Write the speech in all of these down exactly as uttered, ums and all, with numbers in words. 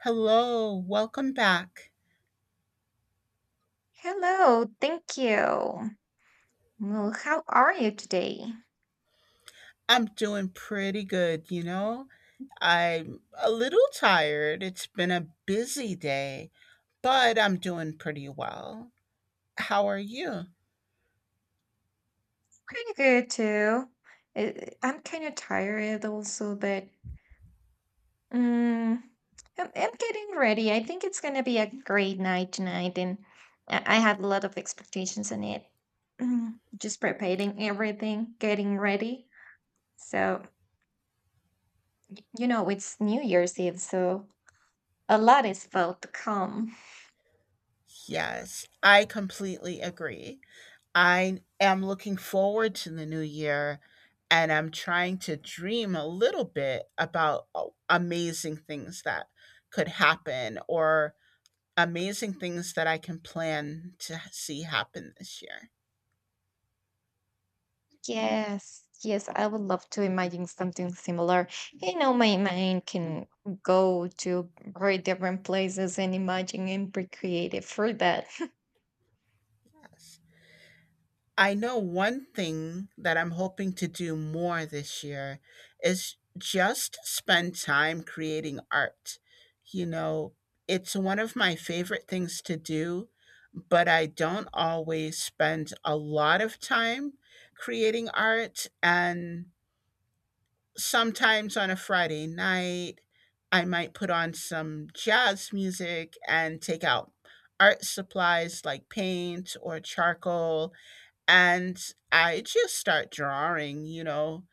Hello, welcome back. Hello, thank you. Well, how are you today? I'm doing pretty good, you know? I'm a little tired. It's been a busy day, but I'm doing pretty well. How are you? Pretty good too. Uh, I'm kind of tired also, but mm, I'm, I'm getting ready. I think it's gonna be a great night tonight, and I I have a lot of expectations in it. Mm, Just preparing everything, getting ready. So, you know, it's New Year's Eve, so a lot is about to come. Yes, I completely agree. I am looking forward to the new year and I'm trying to dream a little bit about uh, amazing things that could happen or amazing things that I can plan to see happen this year. Yes, yes, I would love to imagine something similar. You know, my mind can go to very different places and imagine and be creative for that. Yes. I know one thing that I'm hoping to do more this year is just spend time creating art. You know, it's one of my favorite things to do, but I don't always spend a lot of time creating art. And sometimes on a Friday night, I might put on some jazz music and take out art supplies like paint or charcoal and I just start drawing, you know.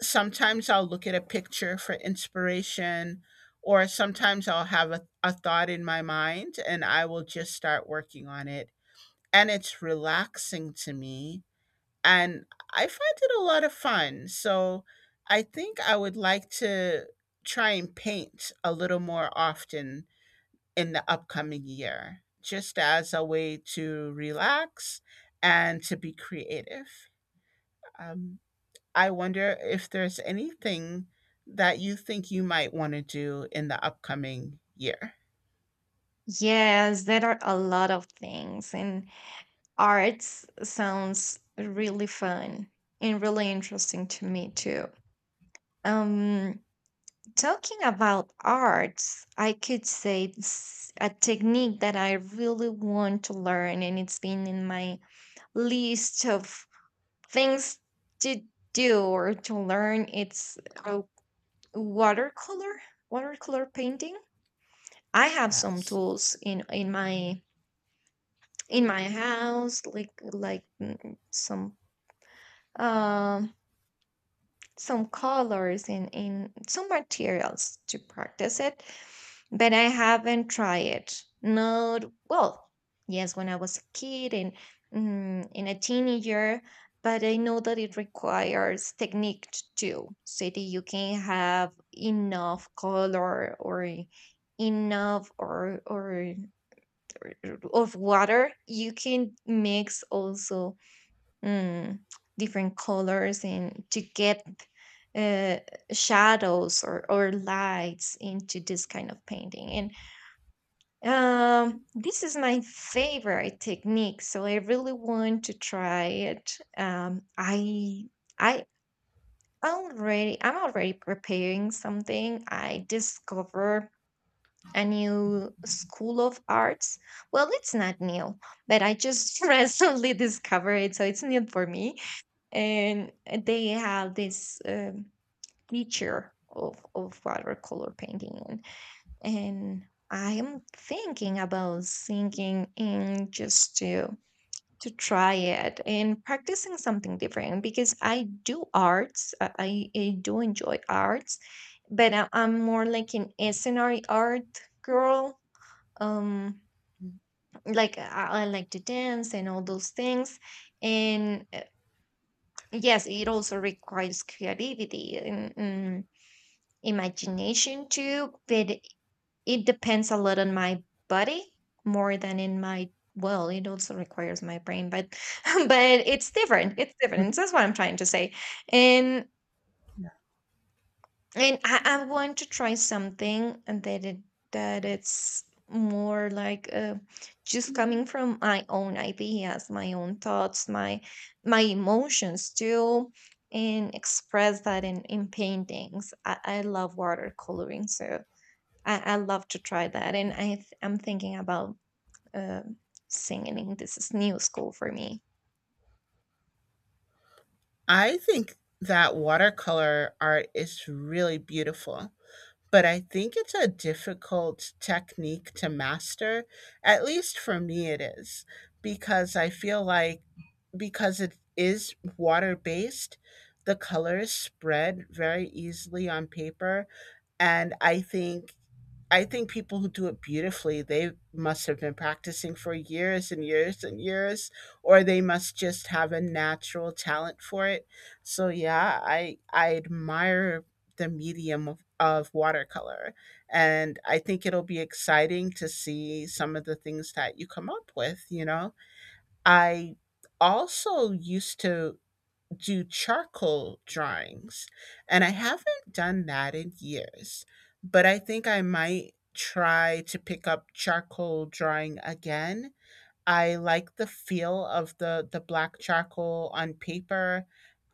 Sometimes I'll look at a picture for inspiration, or sometimes I'll have a, a thought in my mind and I will just start working on it. And it's relaxing to me, and I find it a lot of fun. So I think I would like to try and paint a little more often in the upcoming year, just as a way to relax and to be creative. Um, I wonder if there's anything that you think you might want to do in the upcoming year. Yes, there are a lot of things, and arts sounds really fun and really interesting to me too. Um, Talking about arts, I could say it's a technique that I really want to learn, and it's been in my list of things to do or to learn. It's a watercolor watercolor painting. I have some Yes. tools in in my in my house like like mm, some um some colors and, in some materials to practice it, but I haven't tried it. Not well, yes, when I was a kid and mm, in a teenager, but I know that it requires technique t- too, so that you can have enough color or enough or or, or of water. You can mix also mm, different colors and to get uh, shadows or, or lights into this kind of painting. And um, this is my favorite technique, so I really want to try it. Um, I I already I'm already preparing something. I discover a new school of arts. Well, it's not new, but I just recently discovered it, so it's new for me, and they have this um, teacher of, of watercolor painting, and, and I am thinking about singing and just to to try it and practicing something different, because I do arts. I, I I do enjoy arts, but I, i'm more like an scenery art girl. um like, I, I like to dance and all those things, and yes, it also requires creativity and, mm, imagination too, but it depends a lot on my body more than in my, well, it also requires my brain, but but it's different. It's different. That's what I'm trying to say. And Yeah. and I, I want to try something, and that it that it's more like uh, just coming from my own ideas, my own thoughts, my my emotions too, and express that in in paintings. I, I love watercoloring, so I, I love to try that. And I th- I'm thinking about uh, singing. This is new school for me. I think that watercolor art is really beautiful, but I think it's a difficult technique to master. At least for me, it is, because I feel like because it is water based, the colors spread very easily on paper. And I think I think people who do it beautifully, they must have been practicing for years and years and years, or they must just have a natural talent for it. So yeah, I I admire the medium of, of watercolor. And I think it'll be exciting to see some of the things that you come up with, you know. I also used to do charcoal drawings. And I haven't done that in years, but I think I might try to pick up charcoal drawing again. I like the feel of the the black charcoal on paper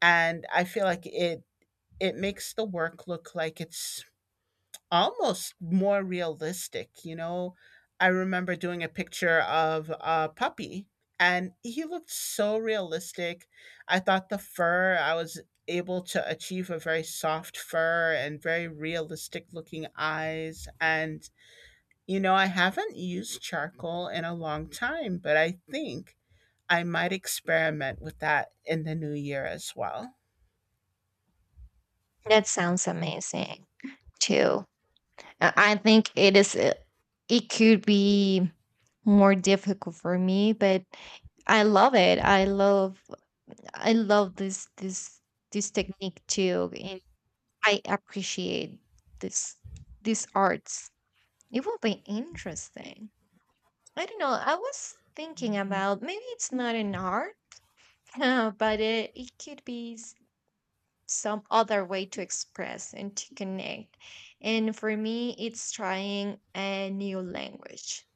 and I feel like it it makes the work look like it's almost more realistic, you know? I remember doing a picture of a puppy and he looked so realistic. I thought the fur, I was able to achieve a very soft fur and very realistic looking eyes. And, you know, I haven't used charcoal in a long time, but I think I might experiment with that in the new year as well. That sounds amazing too. I I think it is. uh, It could be more difficult for me, but I love it. I love. I love this this this technique too, and I appreciate this these arts. It will be interesting. I don't know. I was thinking about maybe it's not an art, but it, it could be some other way to express and to connect. And for me, it's trying a new language.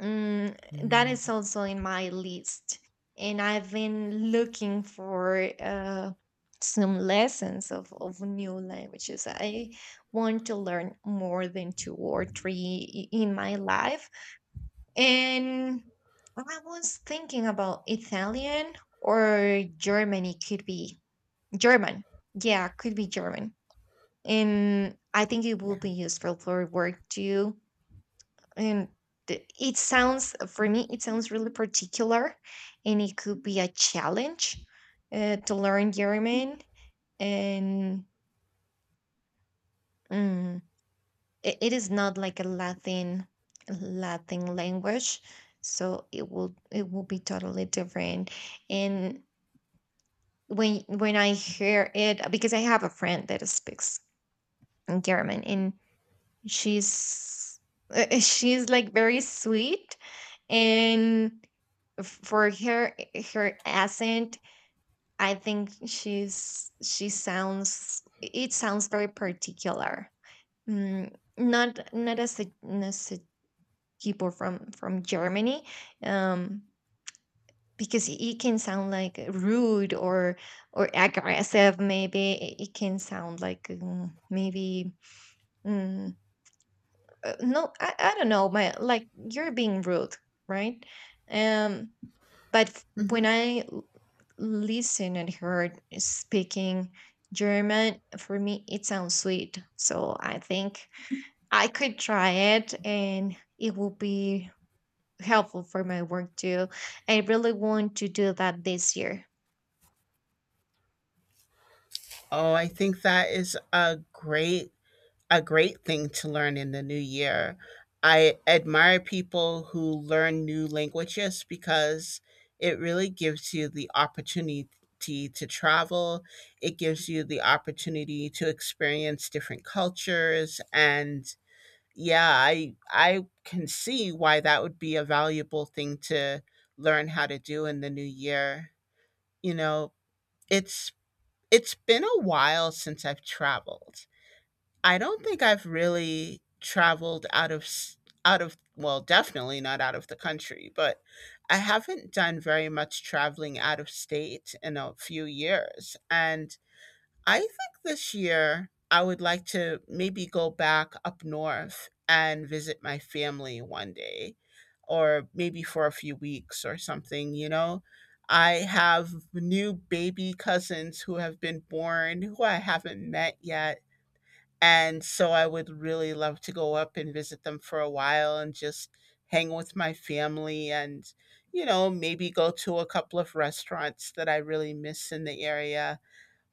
Mm, that is also in my list. And I've been looking for uh, some lessons of, of new languages. I want to learn more than two or three i- in my life. And I was thinking about Italian or Germany. Could be German. Yeah, could be German, and I think it will Yeah. be useful for work too. And th- it sounds for me, it sounds really particular, and it could be a challenge uh, to learn German. And mm, it, it is not like a Latin Latin language, so it will it will be totally different. And when when I hear it, because I have a friend that speaks German, and she's uh, she's like very sweet, and f- for her her accent, I think she's she sounds it sounds very particular. Mm, not not as a, as a people from from Germany. um because it it can sound like rude or or aggressive. Maybe it it can sound like mm, maybe mm, uh, no. I, I don't know, my, like, you're being rude, right? um but f- when Mhm. i l- listen and her speaking German, for me it sounds sweet. So I think I could try it, and it will be helpful for my work too. I really want to do that this year. Oh, I think that is a great a great thing to learn in the new year. I admire people who learn new languages because it really gives you the opportunity to travel. It gives you the opportunity to experience different cultures and yeah, I I can see why that would be a valuable thing to learn how to do in the new year. You know, it's it's been a while since I've traveled. I don't think I've really traveled out of s- out of well, definitely not out of the country, but I haven't done very much traveling out of state in a few years. And I think this year I would like to maybe go back up north and visit my family one day or maybe for a few weeks or something, you know. I have new baby cousins who have been born who I haven't met yet and so I would really love to go up and visit them for a while and just hang with my family and, you know, maybe go to a couple of restaurants that I really miss in the area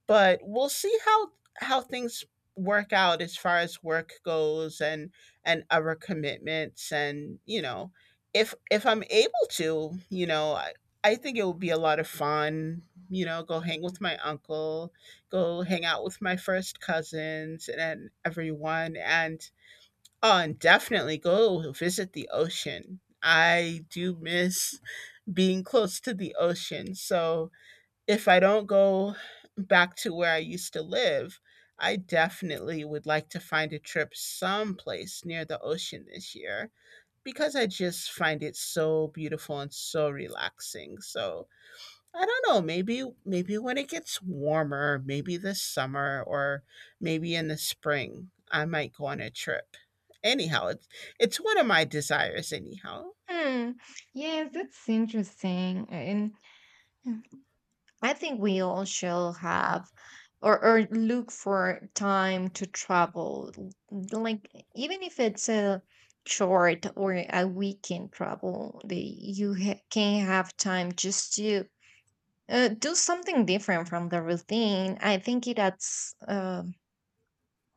but we'll see how how things work out as far as work goes and and other commitments and, you know, if if I'm able to, you know, I, I think it would be a lot of fun, you know, go hang with my uncle, go hang out with my first cousins and everyone. And oh, and definitely go visit the ocean. I do miss being close to the ocean. So if I don't go back to where I used to live, I definitely would like to find a trip someplace near the ocean this year because I just find it so beautiful and so relaxing. So, I don't know, maybe maybe when it gets warmer, maybe this summer or maybe in the spring, I might go on a trip. Anyhow, it's it's one of my desires anyhow. Hmm, yes, that's interesting, and hmm, I think we all shall have or, or look for time to travel. l- Like, even if it's a short or a weekend travel, the, you ha- can have time just to uh, do something different from the routine. I think it adds uh,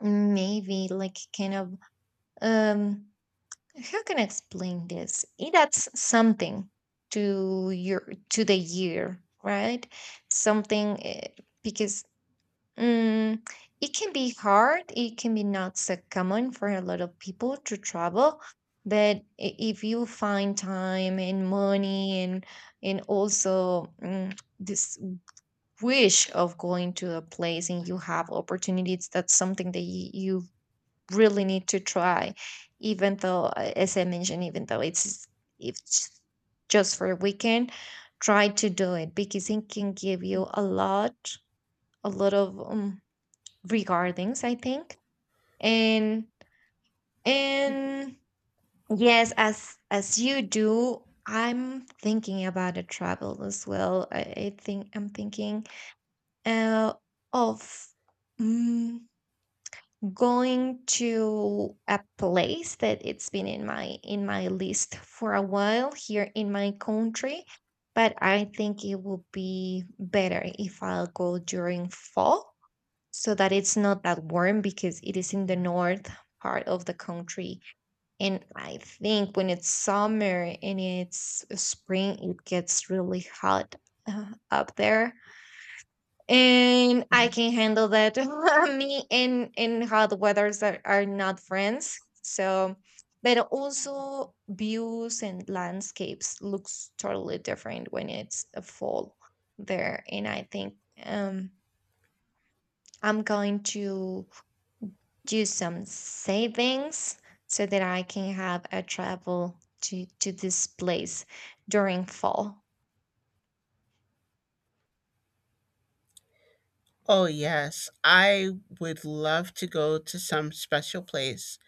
maybe like kind of, um, how can I explain this? It adds something to your to the year, right? Something uh, because Mm, it can be hard. It can be not so common for a lot of people to travel. But i- if you find time and money, and and also mm, this wish of going to a place, and you have opportunities, that's something that you, you really need to try. Even though, uh, as I mentioned, even though it's it's just for a weekend, try to do it, because it can give you a lot, a lot of um, regardings, I think. And and yes, as as you do, I'm thinking about a travel as well. i, I think I'm thinking uh, of mm, going to a place that it's been in my in my list for a while here in my country. But I think it would be better if I'll go during fall, so that it's not that warm, because it is in the Yeah. north part of the country. And I think when it's summer and it's spring, it gets really hot, uh, up there. And I can handle that. Me and and hot weathers are, are not friends. So, but also views and landscapes looks totally different when it's a fall there. And I think um I'm going to do some savings so that I can have a travel to to this place during fall. Oh, yes. I would love to go to some special place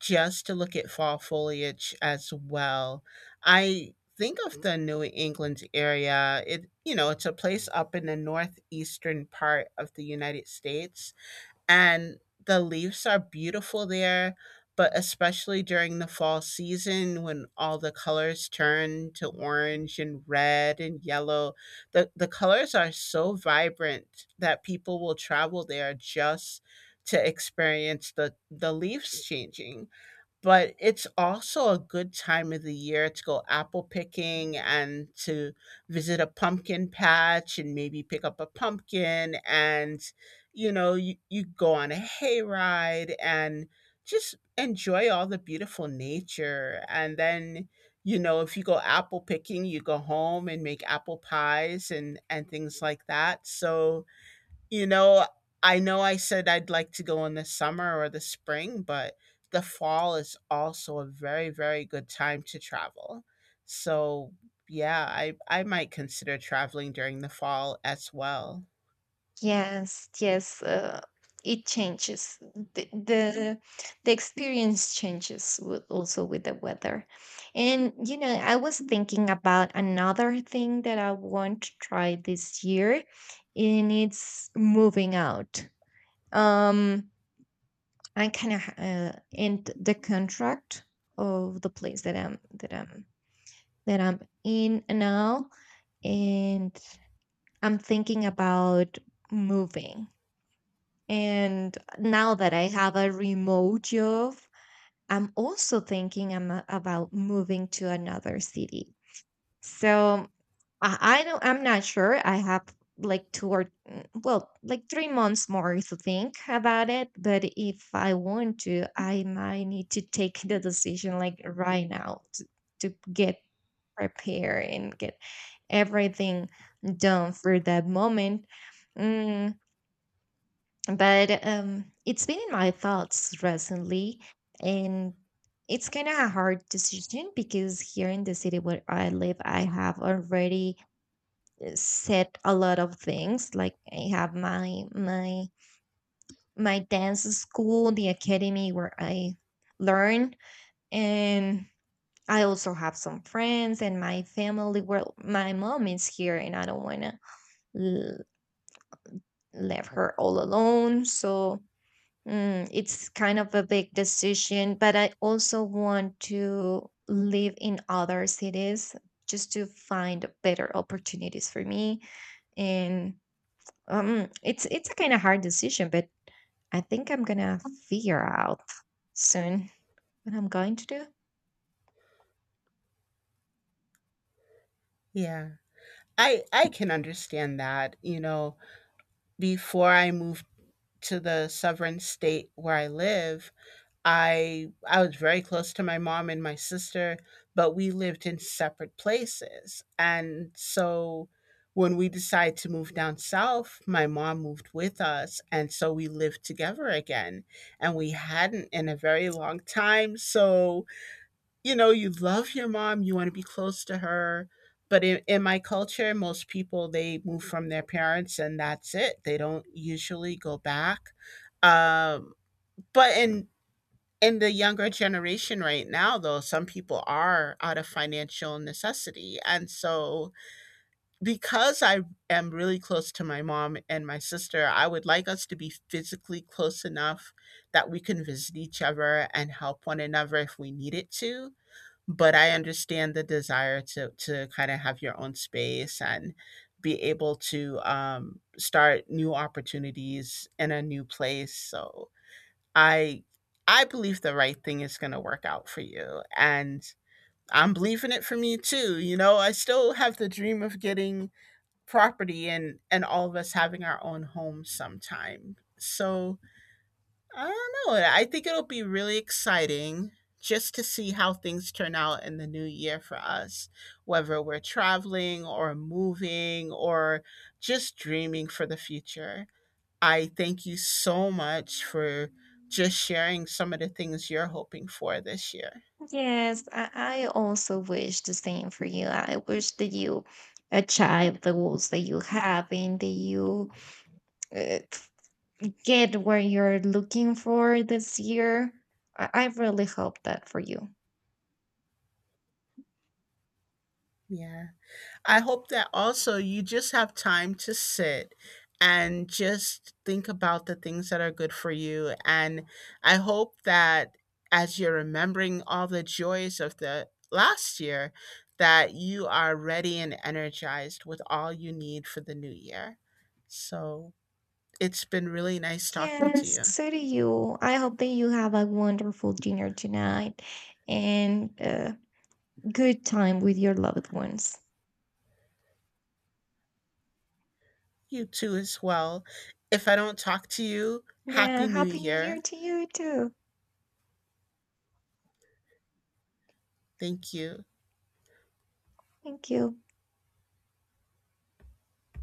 just to look at fall foliage as well. I think of the New England area. It you know, it's a place up in the northeastern part of the United States and the leaves are beautiful there, but especially during the fall season when all the colors turn to orange and red and yellow, the the colors are so vibrant that people will travel there just to experience the the leaves changing but it's also a good time of the year to go apple picking and to visit a pumpkin patch and maybe pick up a pumpkin and you know you, you go on a hayride and just enjoy all the beautiful nature and then you know if you go apple picking you go home and make apple pies and and things like that so you know, I know I said I'd like to go in the summer or the spring, but the fall is also a very, very good time to travel. So, yeah, I I might consider traveling during the fall as well. Yes, yes, uh, it changes. The, the the experience changes with, also with the weather. And you know, I was thinking about another thing that I want to try this year, and it's moving out. Um I kind of uh, end the contract of the place that I'm that I'm that I'm in now, and I'm thinking about moving. And now that I have a remote job, I'm also thinking I'm uh, about moving to another city. So I, I don't. I'm not sure. I have like two or mm, well, like three months more to think about it. But if I want to, I might need to take the decision like right now to, to get prepared and get everything done for that moment. Mm, but um, it's been in my thoughts recently, and it's kind of a hard decision, because here in the city where I live, I have already set a lot of things. Like, I have my my my dance school, the academy where I learn. And I also have some friends and my family. Well, my mom is here, and I don't want to l- leave her all alone. So mm, it's kind of a big decision, but I also want to live in other cities just to find better opportunities for me. And Um, it's it's a kind of hard decision, but I think I'm gonna figure out soon what I'm going to do. Yeah. I I can understand that, you know, before I moved to the sovereign state where I live, I I was very close to my mom and my sister, but we lived in separate places. And so when we decided to move down south, my mom moved with us, and so we lived together again. And we hadn't in a very long time. So, you know, you love your mom, you want to be close to her. But in, in my culture, most people they move from their parents and that's it. They don't usually go back. Um, but in in the younger generation right now though some people are out of financial necessity and so because I am really close to my mom and my sister I would like us to be physically close enough that we can visit each other and help one another if we needed to but I understand the desire to to kind of have your own space and be able to um, start new opportunities in a new place. So I I believe the right thing is going to work out for you and I'm believing it for me too. You know, I still have the dream of getting property and and all of us having our own homes sometime. So, I don't know. I think it'll be really exciting just to see how things turn out in the new year for us, whether we're traveling or moving or just dreaming for the future. I thank you so much for just sharing some of the things you're hoping for this year. Yes, I, I also wish the same for you. I wish that you achieve the goals that you have and that you uh, get what you're looking for this year. I, I really hope that for you. Yeah. I hope that also you just have time to sit and just think about the things that are good for you. And I hope that as you're remembering all the joys of the last year, that you are ready and energized with all you need for the new year. So it's been really nice talking to Yes, you. so do you. I hope that you have a wonderful dinner tonight and a good time with your loved ones. You too, as well. If I don't talk to you, Yeah, Happy New Happy New Year Year. to you too. Thank you. Thank you.